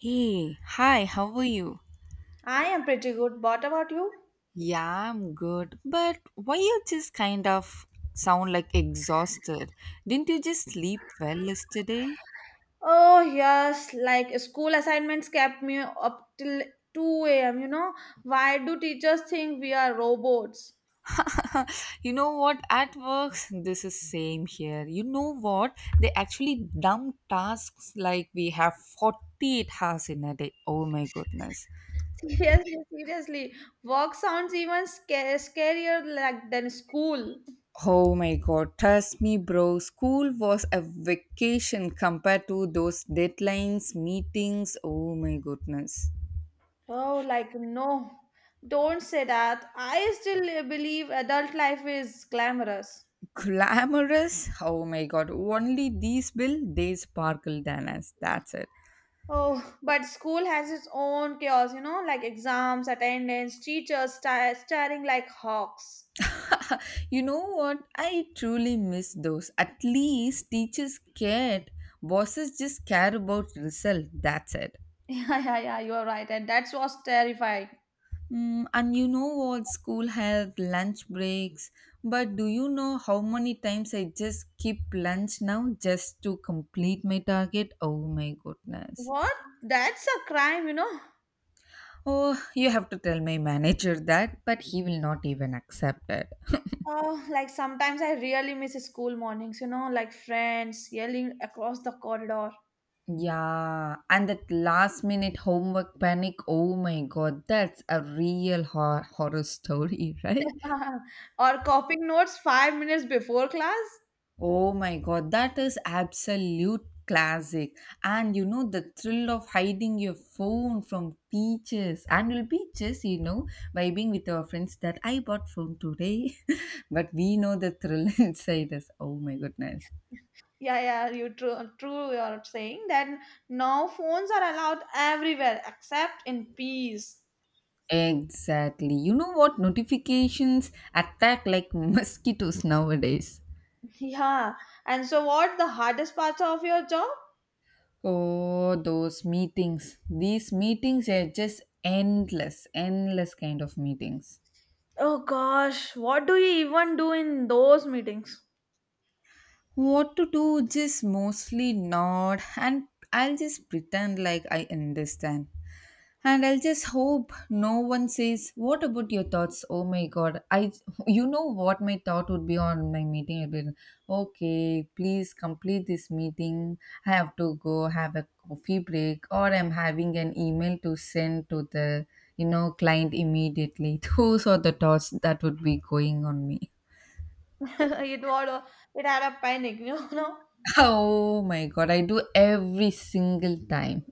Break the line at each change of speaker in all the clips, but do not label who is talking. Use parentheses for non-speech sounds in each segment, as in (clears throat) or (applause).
Hey, hi, how are you?
I am pretty good. What about you?
Yeah, I'm good. But why you just kind of sound like exhausted? Didn't you just sleep well yesterday?
Oh, yes, like school assignments kept me up till 2 a.m. You know, why do teachers think we are robots?
(laughs) You know what? At work, this is same here. You know what? They actually dump tasks like we have 48 hours in a day. Oh my goodness.
(laughs) Seriously, work sounds even scarier like than school.
Oh my god, trust me, bro. School was a vacation compared to those deadlines, meetings. Oh my goodness.
Oh, like no, don't say that. I still believe adult life is glamorous.
Glamorous? Oh my god, only these will they sparkle than us. That's it.
Oh, but school has its own chaos, you know, like exams, attendance, teachers staring like hawks.
(laughs) You know what? I truly miss those. At least teachers cared. Bosses just care about result. That's it.
(laughs) Yeah, yeah, yeah, you are right. And that was terrifying.
Mm, and you know what? School had lunch breaks. But do you know how many times I just skip lunch now just to complete my target? Oh my goodness.
What? That's a crime, you know?
Oh, you have to tell my manager that, but he will not even accept it.
Oh, like sometimes I really miss school mornings, you know, like friends yelling across the corridor
Yeah, and that last minute homework panic. Oh my god, that's a real horror story, (laughs) right?
(laughs) or copying notes 5 minutes before class.
Oh my god, that is absolute classic. And you know the thrill of hiding your phone from teachers and will be just, you know, vibing with our friends that I bought phone today. (laughs) But we know the thrill (laughs) inside us. Oh my goodness.
Yeah, yeah, you true, you're saying that now phones are allowed everywhere except in peace. (laughs)
Exactly. You know what? Notifications attack like (laughs) mosquitoes nowadays.
Yeah, and so what the hardest part of your job?
Oh, those meetings. These meetings are just endless, endless kind of meetings.
Oh gosh, what do you even do in those meetings?
What to do, just mostly nod, and I'll just pretend like I understand, and I'll just hope no one says what about your thoughts. Oh my god, I, you know what my thought would be on my meeting, I'd be like, okay, please complete this meeting. I have to go have a coffee break, or I'm having an email to send to the, client immediately. (laughs) Those are the thoughts that would be going on me.
(laughs) it was it had a panic, (laughs) you know.
Oh my god, I do every single time.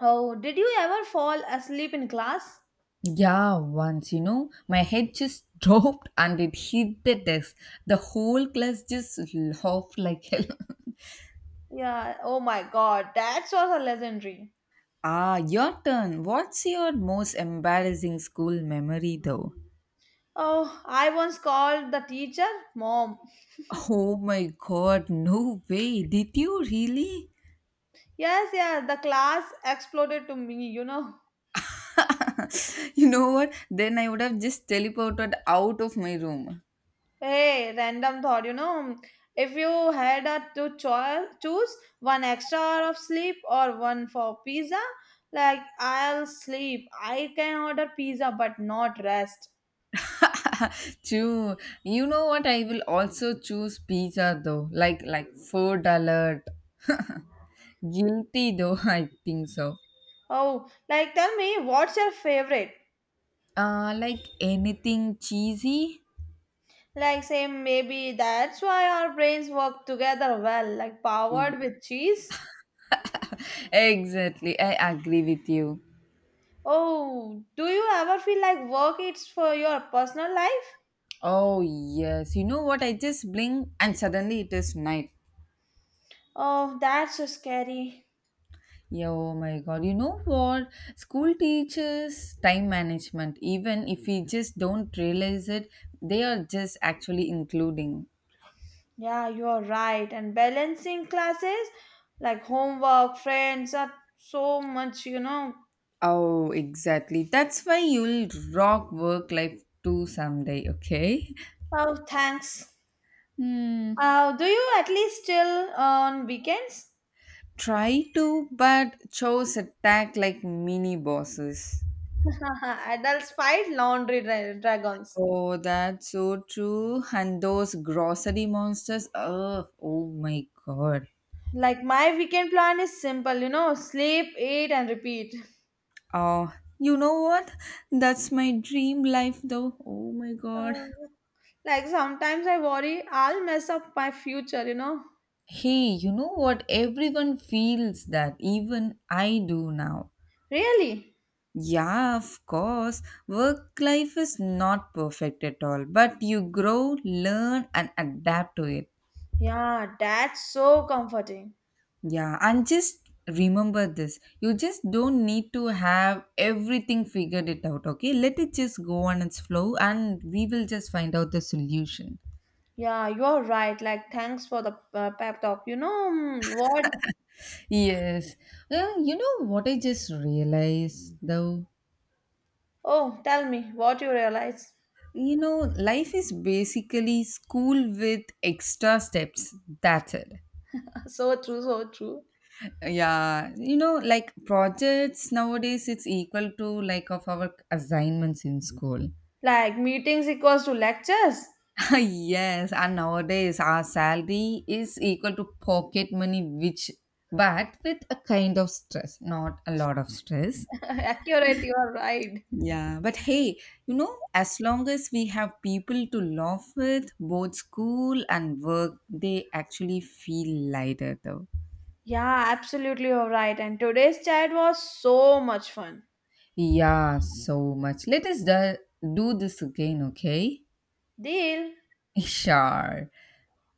Oh, did you ever fall asleep in class?
Yeah, once, you know, my head just (laughs) dropped and it hit the desk. The whole class just laughed like hell. (laughs)
Yeah. Oh my God, that was a legendary.
Ah, your turn. What's your most embarrassing school memory though?
Oh, I once called the teacher mom.
Oh my god, no way. Did you really?
Yes, the class exploded to me, you know.
(laughs) You know what? Then I would have just teleported out of my room.
Hey, random thought, you know, if you had a to choose one extra hour of sleep or one for pizza, like I'll sleep. I can order pizza but not rest.
(laughs) True. You know what? I will also choose pizza though. Like food alert. Guilty though, (laughs) I think so.
Oh, like tell me, what's your favorite?
Like anything cheesy?
Like, say, maybe that's why our brains work together well, like powered with cheese.
Exactly. I agree with you.
Oh, do you ever feel like work is for your personal life?
Oh yes. You know what? I just blink and suddenly it is night.
Oh, that's so scary.
Yeah, oh my god. You know what? School teachers time management, even if we just don't realize it, they are just actually including.
Yeah, you're right. And balancing classes, like homework, friends, are so much, you know.
Oh, exactly. That's why you'll rock work life too someday, okay?
Oh, thanks.
Hmm.
Do you at least chill on weekends?
Try to, but chose attack like mini bosses.
(laughs) Adults fight laundry dragons.
Oh, that's so true. And those grocery monsters. Oh, oh my god.
Like my weekend plan is simple, you know, sleep, eat, and repeat.
Oh, you know what? That's my dream life, though. Oh my god.
Uh, like sometimes I worry I'll mess up my future, you know.
Hey, you know what? Everyone feels that. Even I do now.
Really?
Yeah, of course. Work life is not perfect at all, but you grow, learn, and adapt to it.
Yeah, that's so comforting.
Yeah, and just remember this, you just don't need to have everything figured it out, okay? Let it just go on its flow, and we will just find out the solution.
Yeah, you're right. Like, thanks for the pep talk. You know what?
Yes. Well, you know what I just realized though?
Oh, tell me what you realize. (laughs)
You know, life is basically school with extra steps. That's it.
So true, so true.
Yeah, you know, like projects nowadays it's equal to like of our assignments in school.
Like, meetings equals to lectures.
(laughs) Yes, and nowadays our salary is equal to pocket money, which but with a kind of stress, not a lot of stress.
(laughs) Accurate, you're right. (laughs)
Yeah, but hey, you know, as long as we have people to laugh with, both school and work, they actually feel lighter though.
Yeah, absolutely, you're right. And today's chat was so much fun.
Yeah, so much. Let us do this again, okay?
Deal.
Sure.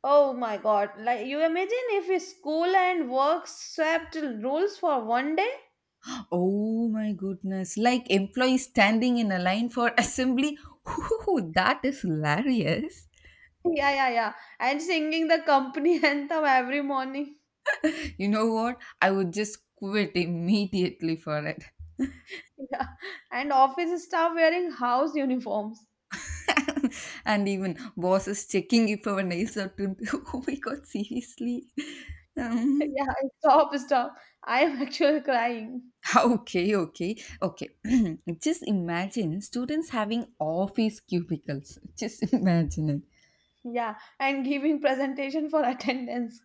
Oh my god. Like you imagine if school and work swapped roles for one day?
Oh my goodness. Like employees standing in a line for assembly. Ooh, that is hilarious.
Yeah, yeah, yeah. And singing the company (laughs) anthem every morning.
You know what? I would just quit immediately for it.
Yeah. And office staff wearing house uniforms. (laughs)
(laughs) And even bosses checking if our nails are trimmed. (laughs) Oh my god, seriously. Um,
Yeah, stop, stop. I am actually crying.
(laughs) okay, okay, okay. (clears throat) Just imagine students having office cubicles. Just imagine it.
Yeah. And giving presentation for attendance.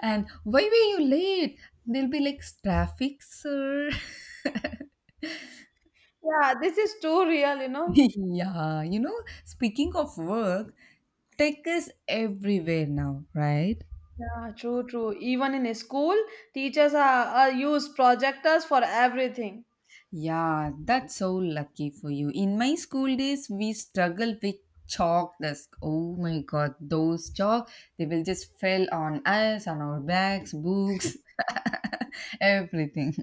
And why were you late? They'll be like, traffic, sir.
Yeah, this is too real, you
(laughs)
know.
Yeah, you know, speaking of work, tech is everywhere now, right?
Yeah, true, true. Even in a school, teachers are use projectors for everything.
Yeah, that's so lucky for you. In my school days, we struggled with chalk desk. Oh my god, those chalk, they will just fell on us, on our bags, books, (laughs) everything.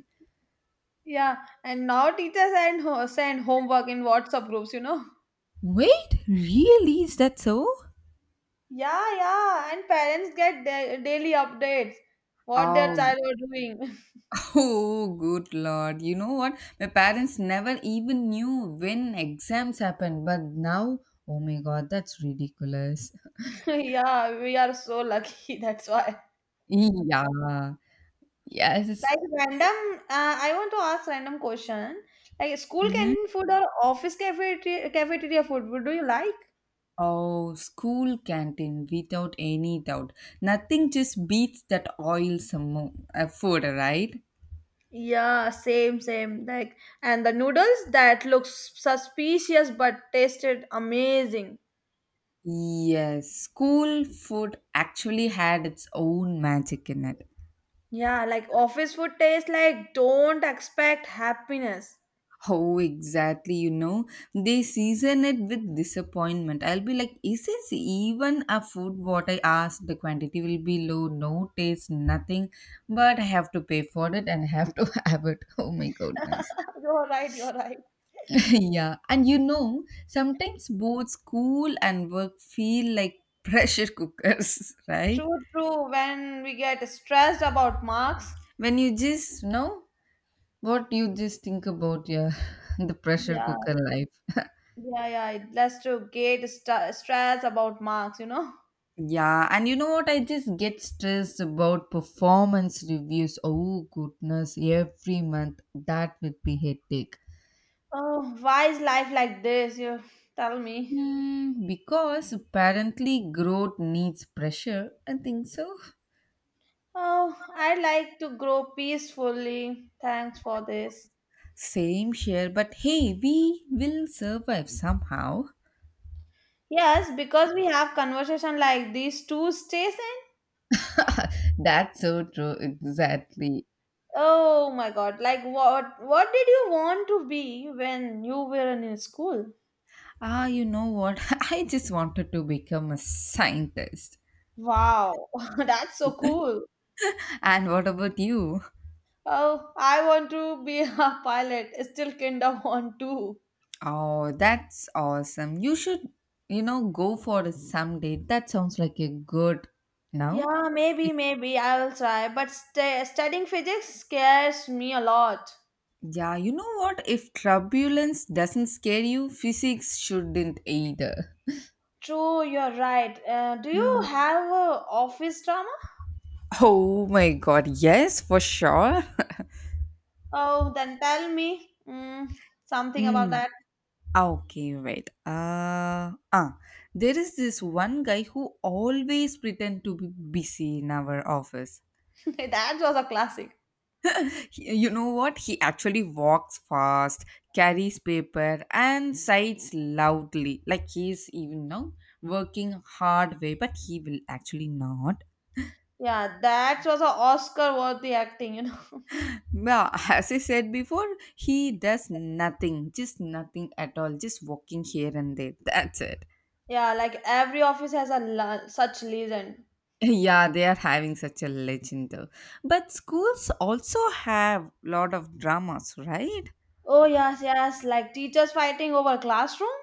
Yeah, and now teachers and send homework in WhatsApp groups, you know.
Wait, really? Is that so?
Yeah, yeah, and parents get daily updates what their
Oh.
child are doing.
Oh, good lord. You know what? My parents never even knew when exams happened, but now, oh my god, that's ridiculous. (laughs)
(laughs) Yeah, we are so lucky. (laughs) That's why.
Yeah. Yes.
Like random, I want to ask random question. Like school
Hmm.
canteen food or office cafeteria food, would do you like?
Oh, school canteen without any doubt. Nothing just beats that oil some more, food, right?
Yeah, same, same. Like, and the noodles that looks suspicious but tasted amazing.
Yes, school food actually had its own magic in it.
Yeah, like office food tastes like don't expect happiness.
How exactly, you know, they season it with disappointment. I'll be like, is this even a food? What I asked, the quantity will be low, no taste, nothing, but I have to pay for it and I have to (laughs) have it. Oh my goodness.
(laughs) You're right, you're right.
(laughs) Yeah, and you know, sometimes both school and work feel like pressure cookers, (laughs) right?
True, true. When we get stressed about marks,
When you just know what you just think about, yeah, (laughs) the pressure
yeah,
cooker life.
yeah, yeah, it leads to get stress about marks, you know.
Yeah, and you know what? I just get stressed about performance reviews. Oh, goodness, every month that would be hectic.
Oh, why is life like this? You tell me.
Hmm, because apparently growth needs pressure. I think so.
Oh, I like to grow peacefully. Thanks for this.
Same here, but hey, we will survive somehow.
Yes, because we have conversation like these two stays.
(laughs) That's so true, exactly.
Oh my god, like what did you want to be when you were in school?
Ah, you know what? (laughs) I just wanted to become a scientist.
Wow, (laughs) that's so cool.
And what about you?
Oh, I want to be (laughs) a pilot. Still kind of want to.
Oh, that's awesome. You should, you know, go for it someday. That sounds like a good now.
Yeah, maybe, I will try. But studying physics scares me a lot.
Yeah, you know what? If turbulence doesn't scare you, physics shouldn't either.
True, you're right. Do you
Mm.
have a office drama?
Oh my god, yes, for sure.
Oh, then tell me something about
Mm.
that.
Okay, wait. There is this one guy who always pretend to be busy in our office.
(laughs) That was a classic.
You know what, he actually walks fast, carries paper, and sighs loudly like he's even now working hard way, but he will actually not.
Yeah, that was a Oscar worthy acting, you know.
Well, (laughs) as I said before, he does nothing, just nothing at all, just walking here and there. That's it.
Yeah, like every office has a such legend.
(laughs) Yeah, they are having such a legend though. But schools also have lot of dramas, right?
Oh yes, like teachers fighting over classroom.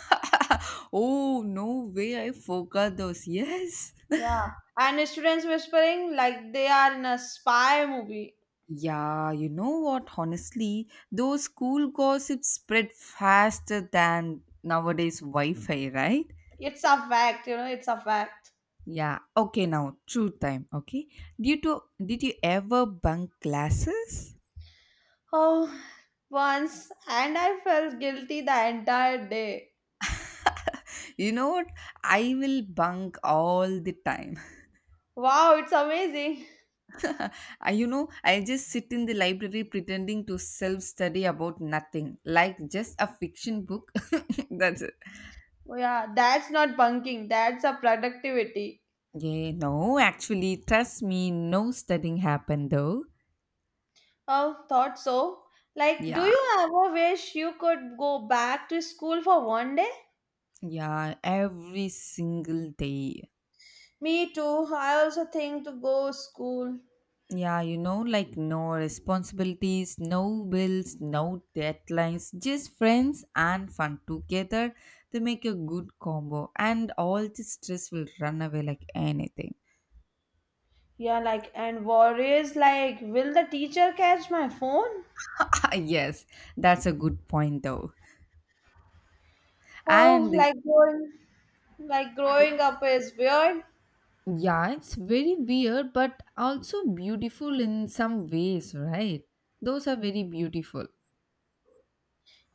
(laughs) Oh, no way, I forgot those. Yes.
Yeah, and students whispering like they are in a spy movie.
Yeah, you know what? Honestly, those school gossips spread faster than nowadays Wi-Fi, right?
It's a fact, you know. It's a fact.
Yeah. Okay, now true time. Okay. Did you ever bunk classes?
Oh, once and I felt guilty the entire day.
You know what? I will bunk all the time. (laughs)
Wow, it's amazing.
I, you know, I just sit in the library pretending to self-study about nothing, like just a fiction book. (laughs) That's it.
Oh, yeah, that's not bunking. That's a productivity.
Yeah. No, actually, trust me, no studying happened though.
Oh, thought so. Like, do
Yeah.
you ever wish you could go back to school for one day?
Yeah, every single day.
Me too. I also think to go school.
Yeah, you know, like no responsibilities, no bills, no deadlines, just friends and fun together. They make a good combo, and all the stress will run away like anything.
Yeah, like and worries like will the teacher catch my phone?
(laughs) Yes, that's a good point, though.
Oh,
And
like growing up is weird.
yeah, it's very weird, but also beautiful in some ways, right? Those are very beautiful.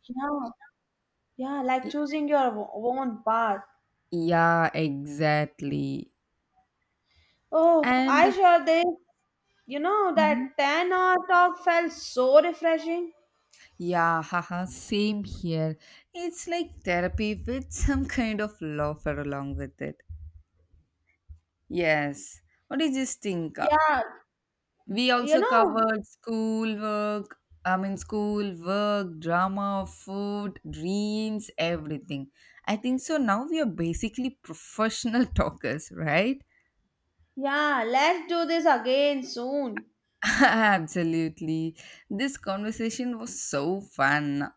Yeah, yeah, like
Y-
choosing your own path.
Yeah, exactly.
Oh,
And
I sure did. You know
mhm.
that 10 hour talk felt so refreshing.
Yeah, haha, same here. It's like therapy with some kind of laughter along with it. Yes. What do you just think?
Yeah,
We
you
also
know.
covered school work, I mean, school, work, drama, food, dreams, everything. I think so. Now we are basically professional (laughs) talkers, right?
Yeah, let's do this again soon.
(laughs) Absolutely. This conversation was so fun,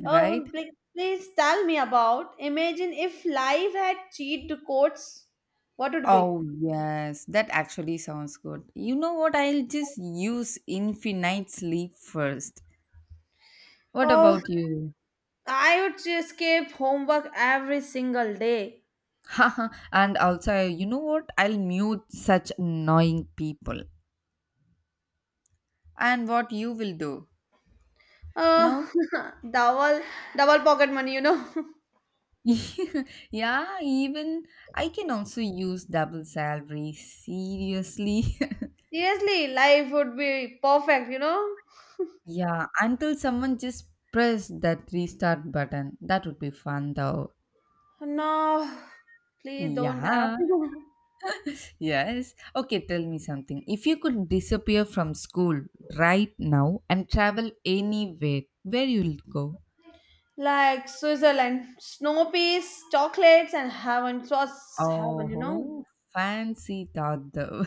right?
Oh, please tell me about. Imagine if life had cheat codes, what would be?
Oh, yes, that actually sounds good. You know what? I'll just use infinite sleep first. What
Oh,
about you?
I would escape homework every single day.
(laughs) Haha, and also, you know what? I'll mute such annoying people. And what you will do?
Oh,
No?
(laughs) double double pocket money, you know.
(laughs) Yeah, even I can also use double salary. Seriously?
(laughs) Seriously, life would be perfect, you know.
(laughs) Yeah, until someone just press that restart button. That would be fun though.
No, please don't have.
Yeah.
(laughs)
Yes. Okay, tell me something. If you could disappear from school right now and travel anywhere, where you'll go?
Like Switzerland, snow peas, chocolates, and heaven. It was heaven, you know.
Oh, fancy thought though.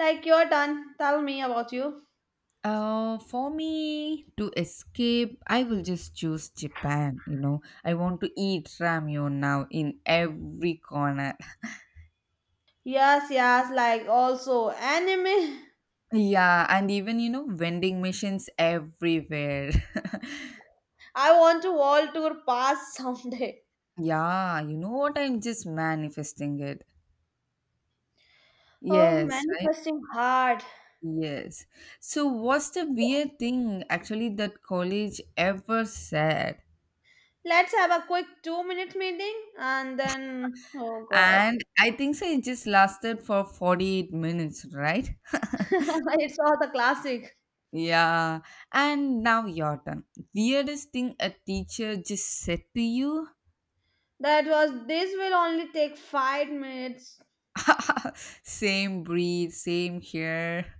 Like your turn. Tell me about you.
(laughs) For me to escape, I will just choose Japan. You know, I want to eat ramyun now in every corner. (laughs)
Yes, like also anime.
Yeah, and even you know, vending machines everywhere.
(laughs) I want to world tour pass (laughs) someday.
(laughs) Yeah, you know what? I'm just manifesting it.
Oh,
Yes.
manifesting hard.
Yes. So, what's the weird thing actually that college ever said?
Let's have a quick 2 minute meeting and then, oh god,
And I think so it just lasted for 48 minutes, right? (laughs)
(laughs) it's all the classic.
Yeah. And now your turn. Weirdest thing a teacher just said to you?
That was this will only take 5 minutes.
(laughs) Same breed, same hair,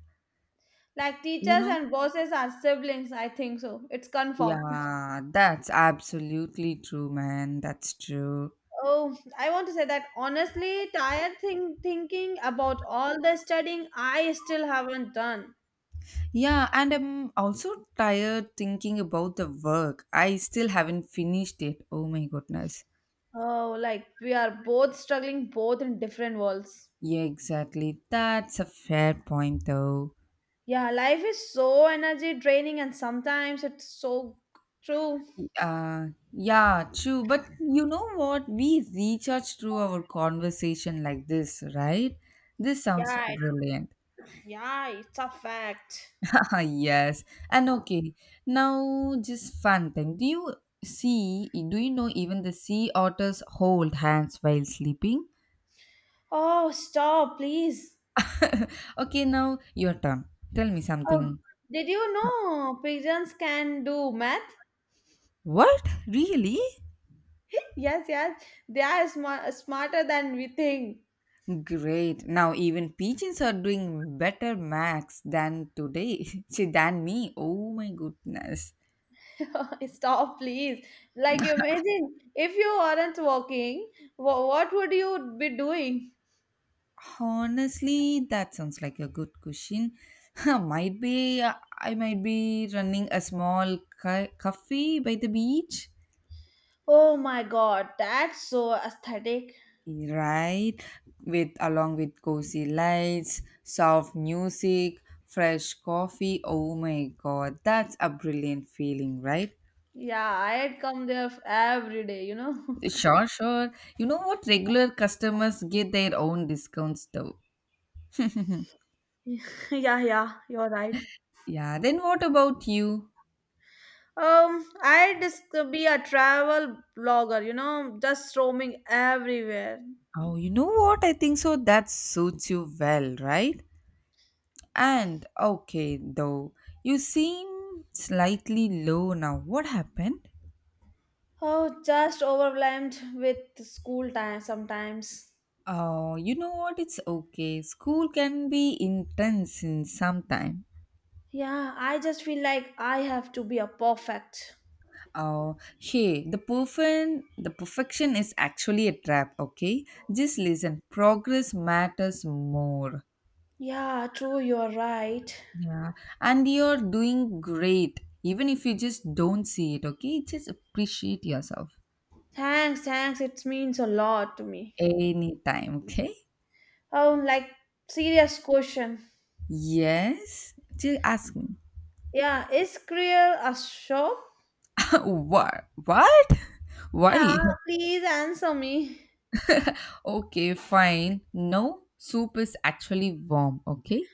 Like
you
teachers
know?
and bosses are siblings, I think so. It's confirmed.
Yeah, that's absolutely true, man. That's true.
Oh, I want to say that honestly, tired thing thinking about all the studying I still haven't done.
Yeah, and I'm also tired thinking about the work. I still haven't finished it. Oh my goodness.
Oh, like we are both struggling, both in different worlds.
Yeah, exactly. That's a fair point, though.
Yeah, life is so energy draining, and sometimes it's so true.
Yeah, true. But you know what? We recharge through our conversation like this, right? This sounds
Yeah, it-
brilliant.
yeah, it's a fact.
(laughs) Yes. And okay, now just fun time. Do you know even the sea otters hold hands while sleeping?
Oh, stop, please.
(laughs) Okay, now your turn. Tell me
Oh,
something.
did you know pigeons can do math?
What? Really?
Yes, they are smarter than we think.
Great. Now even pigeons are doing better max than today. (laughs) See, than me. Oh my goodness.
(laughs) Stop, please. Like, imagine if you aren't walking, what would you be doing?
Honestly, that sounds like a good question. (laughs) might be I might be running a small cafe by the beach.
Oh my god, that's so aesthetic.
Right, with along with cozy lights, soft music, fresh coffee. Oh my god, that's a brilliant feeling, right?
Yeah, I'd come there every day, you know. (laughs)
Sure, sure. You know what? Regular customers get their own discounts though.
Yeah, you're right.
Yeah, then what about you?
I'd just be a travel blogger, you know, just roaming everywhere.
Oh, you know what? I think so. That suits you well, right? And okay, though, you seem slightly low now. What happened?
Oh, just overwhelmed with school time sometimes.
Oh, you know what? It's okay. School can be intense in some time.
Yeah, I just feel like I have to be a perfect.
Oh, hey, the perfection is actually a trap. Okay, just listen. Progress matters more.
Yeah, you're right.
Yeah, and you're doing great, even if you just don't see it. Okay, just appreciate yourself
Thanks, it means a lot to me.
anytime. Okay.
Oh, like, serious question.
Yes. Just ask me.
Yeah, is Kriel a shop?
(laughs) What? What?
Yeah,
Why?
please answer me.
Okay, fine. No, soup is actually warm, okay?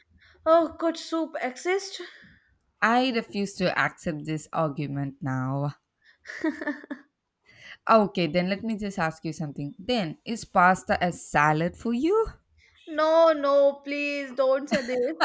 Oh, could soup exist?
I refuse to accept this argument now. Okay, then let me just ask you something. Then, is pasta a salad for you?
No, please don't say this.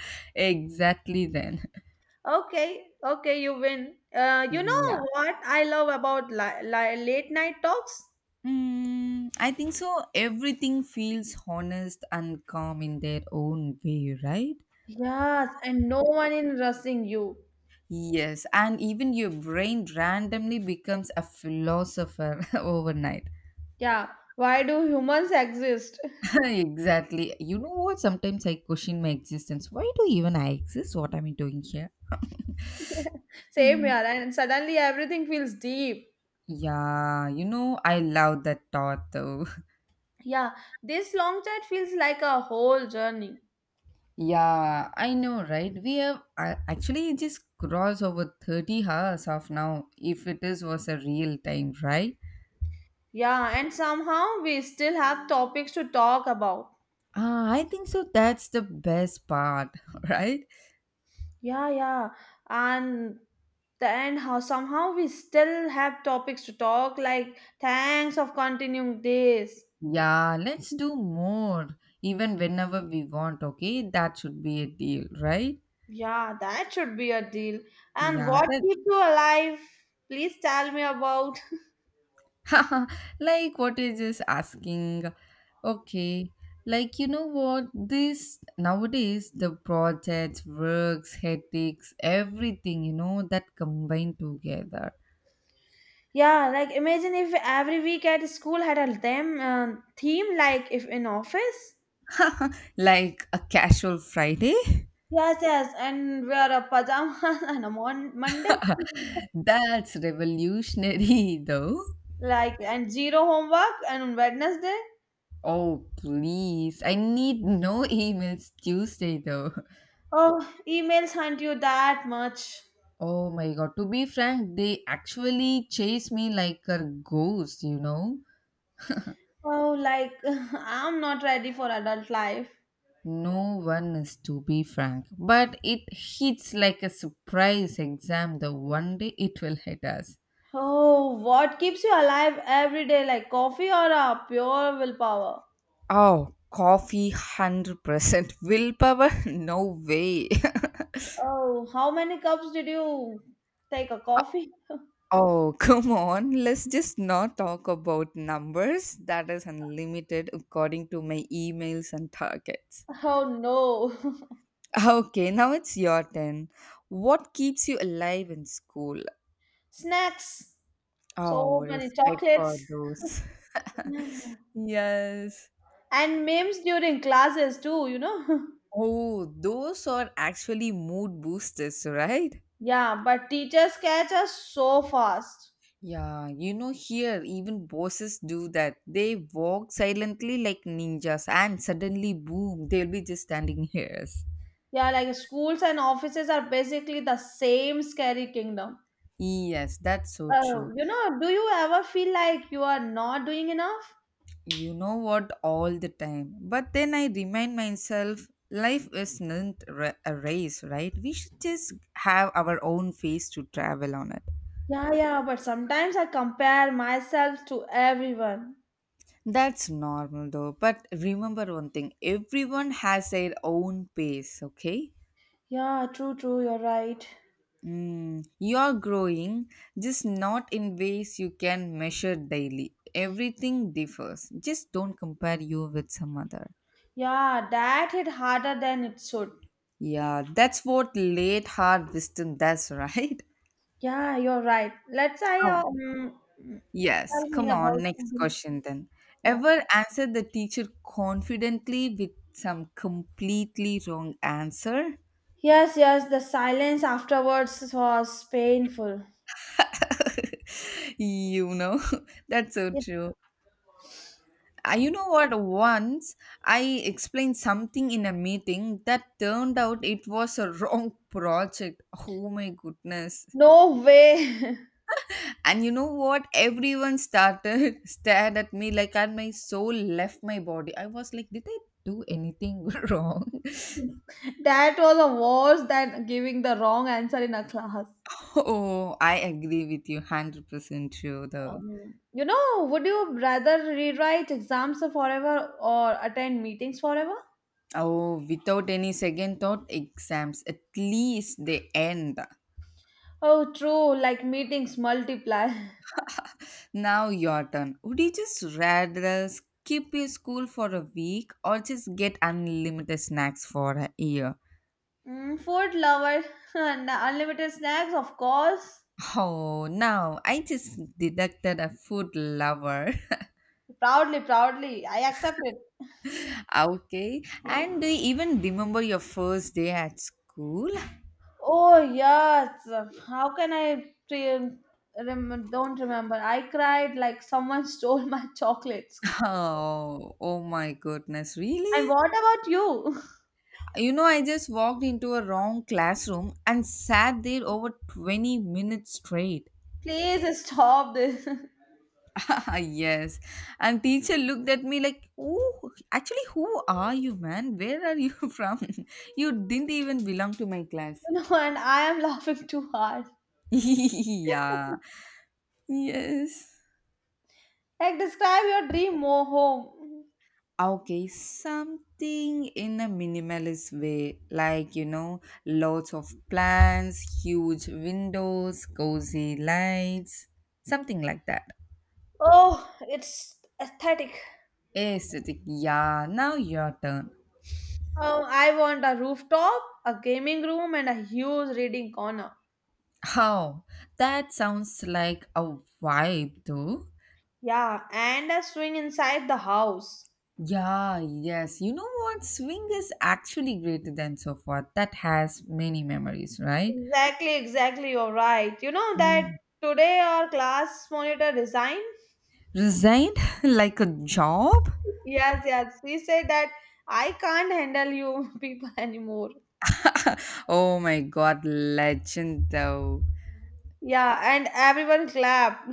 (laughs) Exactly then. (laughs)
Okay, you win. You
Yeah.
know what I love about late night talks?
Mm, I think so. Everything feels honest and calm in their own way, right?
Yes, and no one in rushing you.
Yes, and even your brain randomly becomes a philosopher (laughs) overnight.
Yeah, why do humans exist? (laughs)
(laughs) Exactly. You know what? Sometimes I question my existence. Why do even I exist? What am I doing here?
Same here,
Hmm.
and suddenly everything feels deep.
Yeah, you know, I love that thought though. (laughs)
Yeah, this long chat feels like a whole journey.
Yeah, I know, right? We have actually just crossed over 30 hours of now, if it is was a real time, right?
Yeah, and somehow we still have topics to talk about.
Ah, I think so. That's the best part, (laughs) right?
Yeah, yeah. And then how somehow we still have topics to talk like thanks of continuing this.
Yeah, let's do more, even whenever we want, okay? That should be a deal, right?
Yeah, that should be a deal. And
Yeah,
what
that
keeps you alive? Please tell me about. (laughs)
(laughs) like what is just asking, okay, like, you know what, this nowadays the projects works headaches everything, you know, that combine together.
Yeah, like imagine if every week at school had a theme like if in office.
(laughs) Like a casual Friday.
Yes, and wear a pajamas (laughs) on a Monday. (laughs)
(laughs) That's revolutionary though.
Like, and zero homework, and on Wednesday,
Oh please, I need no emails Tuesday though. (laughs)
oh, emails hunt you that much.
Oh my god, to be frank, they actually chase me like a ghost, you know.
Oh, like, (laughs) I'm not ready for adult life.
No one is, to be frank, but it hits like a surprise exam the one day it will hit us.
Oh, what keeps you alive every day? Like coffee or a pure willpower?
Oh, coffee 100%. Willpower? (laughs) No way.
Oh, how many cups did you take a coffee?
(laughs) Oh, come on. Let's just not talk about numbers. That is unlimited according to my emails and targets.
Oh no. (laughs)
Okay, now it's your turn. What keeps you alive in school?
Snacks.
Oh,
So many
respect for
chocolates.
those. (laughs) Yes.
And memes during classes too, you know? (laughs)
Oh, those are actually mood boosters, right?
Yeah, but teachers catch us so fast.
Yeah, you know, here even bosses do that. They walk silently like ninjas, and suddenly, boom, they'll be just standing (laughs) here. Yes.
Yeah, like schools and offices are basically the same scary kingdom.
Yes, that's so true.
You know, do you ever feel like you are not doing enough?
You know what, all the time. But then I remind myself life isn't a race, right? We should just have our own face to travel on it.
Yeah, but sometimes I compare myself to everyone.
That's normal though. But remember one thing, everyone has their own pace, okay?
Yeah, true, true, you're right.
Mm, you're growing, just not in ways you can measure daily. Everything differs. Just don't compare you with some other.
Yeah, that hit harder than it should.
Yeah, that's what late hard wisdom does, (laughs) right?
Yeah, you're right. Let's I
Oh. Yes,
Tell me
come on,
about
next
something.
question then.
Yeah.
Ever answered the teacher confidently with some completely wrong answer?
Yes, the silence afterwards was painful.
You know, (laughs) that's so
It-
true. You know what, once I explained something in a meeting that turned out it was a (laughs) wrong project. Oh my goodness.
No way. (laughs)
And you know what, everyone started (laughs) stared at me like, and my soul left my body. I was like, did I do anything (laughs) wrong?
That was a worse than giving the wrong answer in a class.
Oh, I agree with you, 100% true though.
You know, would you rather rewrite exams forever or attend meetings forever?
Oh, without any second thought, exams. At least they end.
Oh, true, like meetings multiply. (laughs)
Now your turn. Would you just rather skip your school for a week or just get unlimited snacks for a year?
Mm, food lover (laughs) and unlimited snacks, of course.
Oh, now I just deducted a food lover.
Proudly, I accept it.
(laughs) Okay. And do you even remember your first day at school? (laughs)
Oh, yes. How can I don't remember? I cried like someone (laughs) stole my chocolates.
Oh, oh my goodness.
And
Really?
what about you?
You know, I just walked into a wrong classroom and sat there over 20 minutes straight.
Please stop this. (laughs)
(laughs) Yes. And teacher looked at me like, "Oh, actually, who are you, man? Where are you (laughs) from? You didn't even belong to my class."
You know, and I am laughing too hard.
(laughs) Yeah. Yes.
Like, describe your dream home.
Okay, something in a minimalist way, like you know, lots of plants, huge windows, cozy lights, something like that.
Oh, it's aesthetic.
Aesthetic, yeah. Now your turn.
Oh, I want a rooftop, a gaming room, and a huge reading corner.
How? That sounds like a vibe, though.
Yeah, and a swing inside the house.
Yeah, yes. You know what? Swing is actually greater than so far. That has many memories, right?
Exactly, exactly. You're right. You know that
Mm.
today our class monitor resigned?
Resigned (laughs) like a job?
Yes. She said that I can't handle you (laughs) people anymore.
(laughs) Oh my god, legend though.
Yeah, and everyone clapped.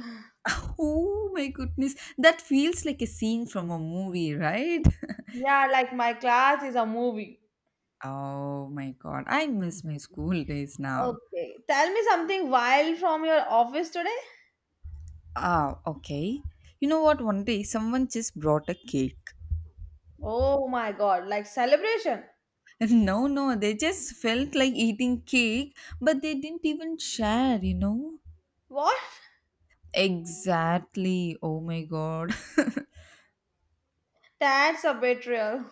Oh my goodness. That feels like a scene from a movie, right?
Yeah, like my class is a movie.
Oh my god, I miss my school days now.
Okay. Tell me something wild from your office today.
Ah, okay. You know what? One day someone just brought a cake.
Oh my god, like celebration.
No, no, they just felt like eating cake, but they didn't even share, you know?
What?
Exactly. Oh my god. (laughs)
That's a betrayal.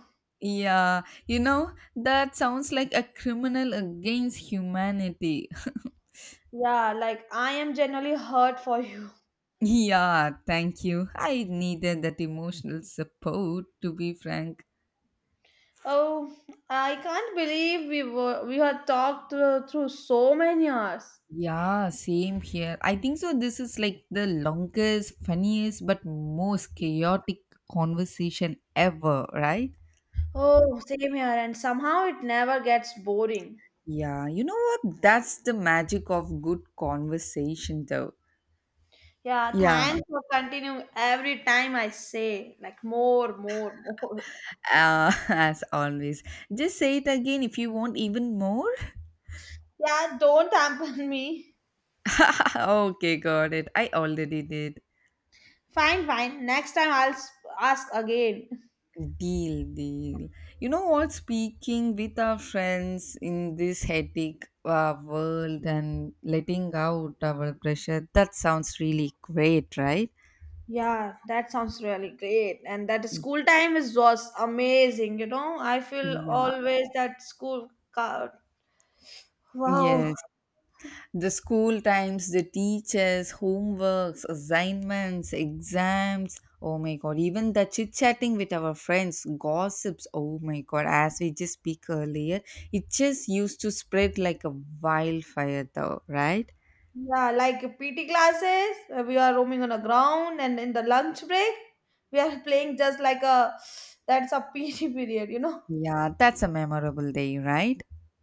Yeah, you know, that sounds like a criminal against humanity.
Yeah, like I am generally hurt for you.
(laughs) Yeah, thank you. I needed that emotional support, to be frank.
Oh, I can't believe we had talked through so many hours.
Yeah, same here. I think so. This is like the longest, funniest, but most chaotic conversation ever, right?
Oh, same here, and somehow it never gets boring.
Yeah, you know what? That's the magic of good conversation, though.
Yeah,
Yeah,
thanks for continuing every time I say like more, more, more.
(laughs) as always. Just say it again if you want even more.
(laughs) Yeah, don't tamper me.
(laughs) Okay, got it. I already did.
Fine, Next time I'll ask again.
Deal, deal. You know what? Speaking with our friends in this hectic world and letting out our pressure, that sounds really great, right?
Yeah, that sounds really great. And that school time is was amazing, you know. I feel
Yeah.
always that school card. Wow.
Yes. The school times, the teachers, homeworks, assignments, exams. Oh my god, even the chit chatting with our friends, gossips. Oh my god, as we just speak earlier, it just used to spread like a wildfire, though, right?
Yeah, like PT classes, we are roaming on the ground and in the lunch break, we are playing just like a that's a PT (laughs) period, you know.
Yeah, that's a memorable day, right?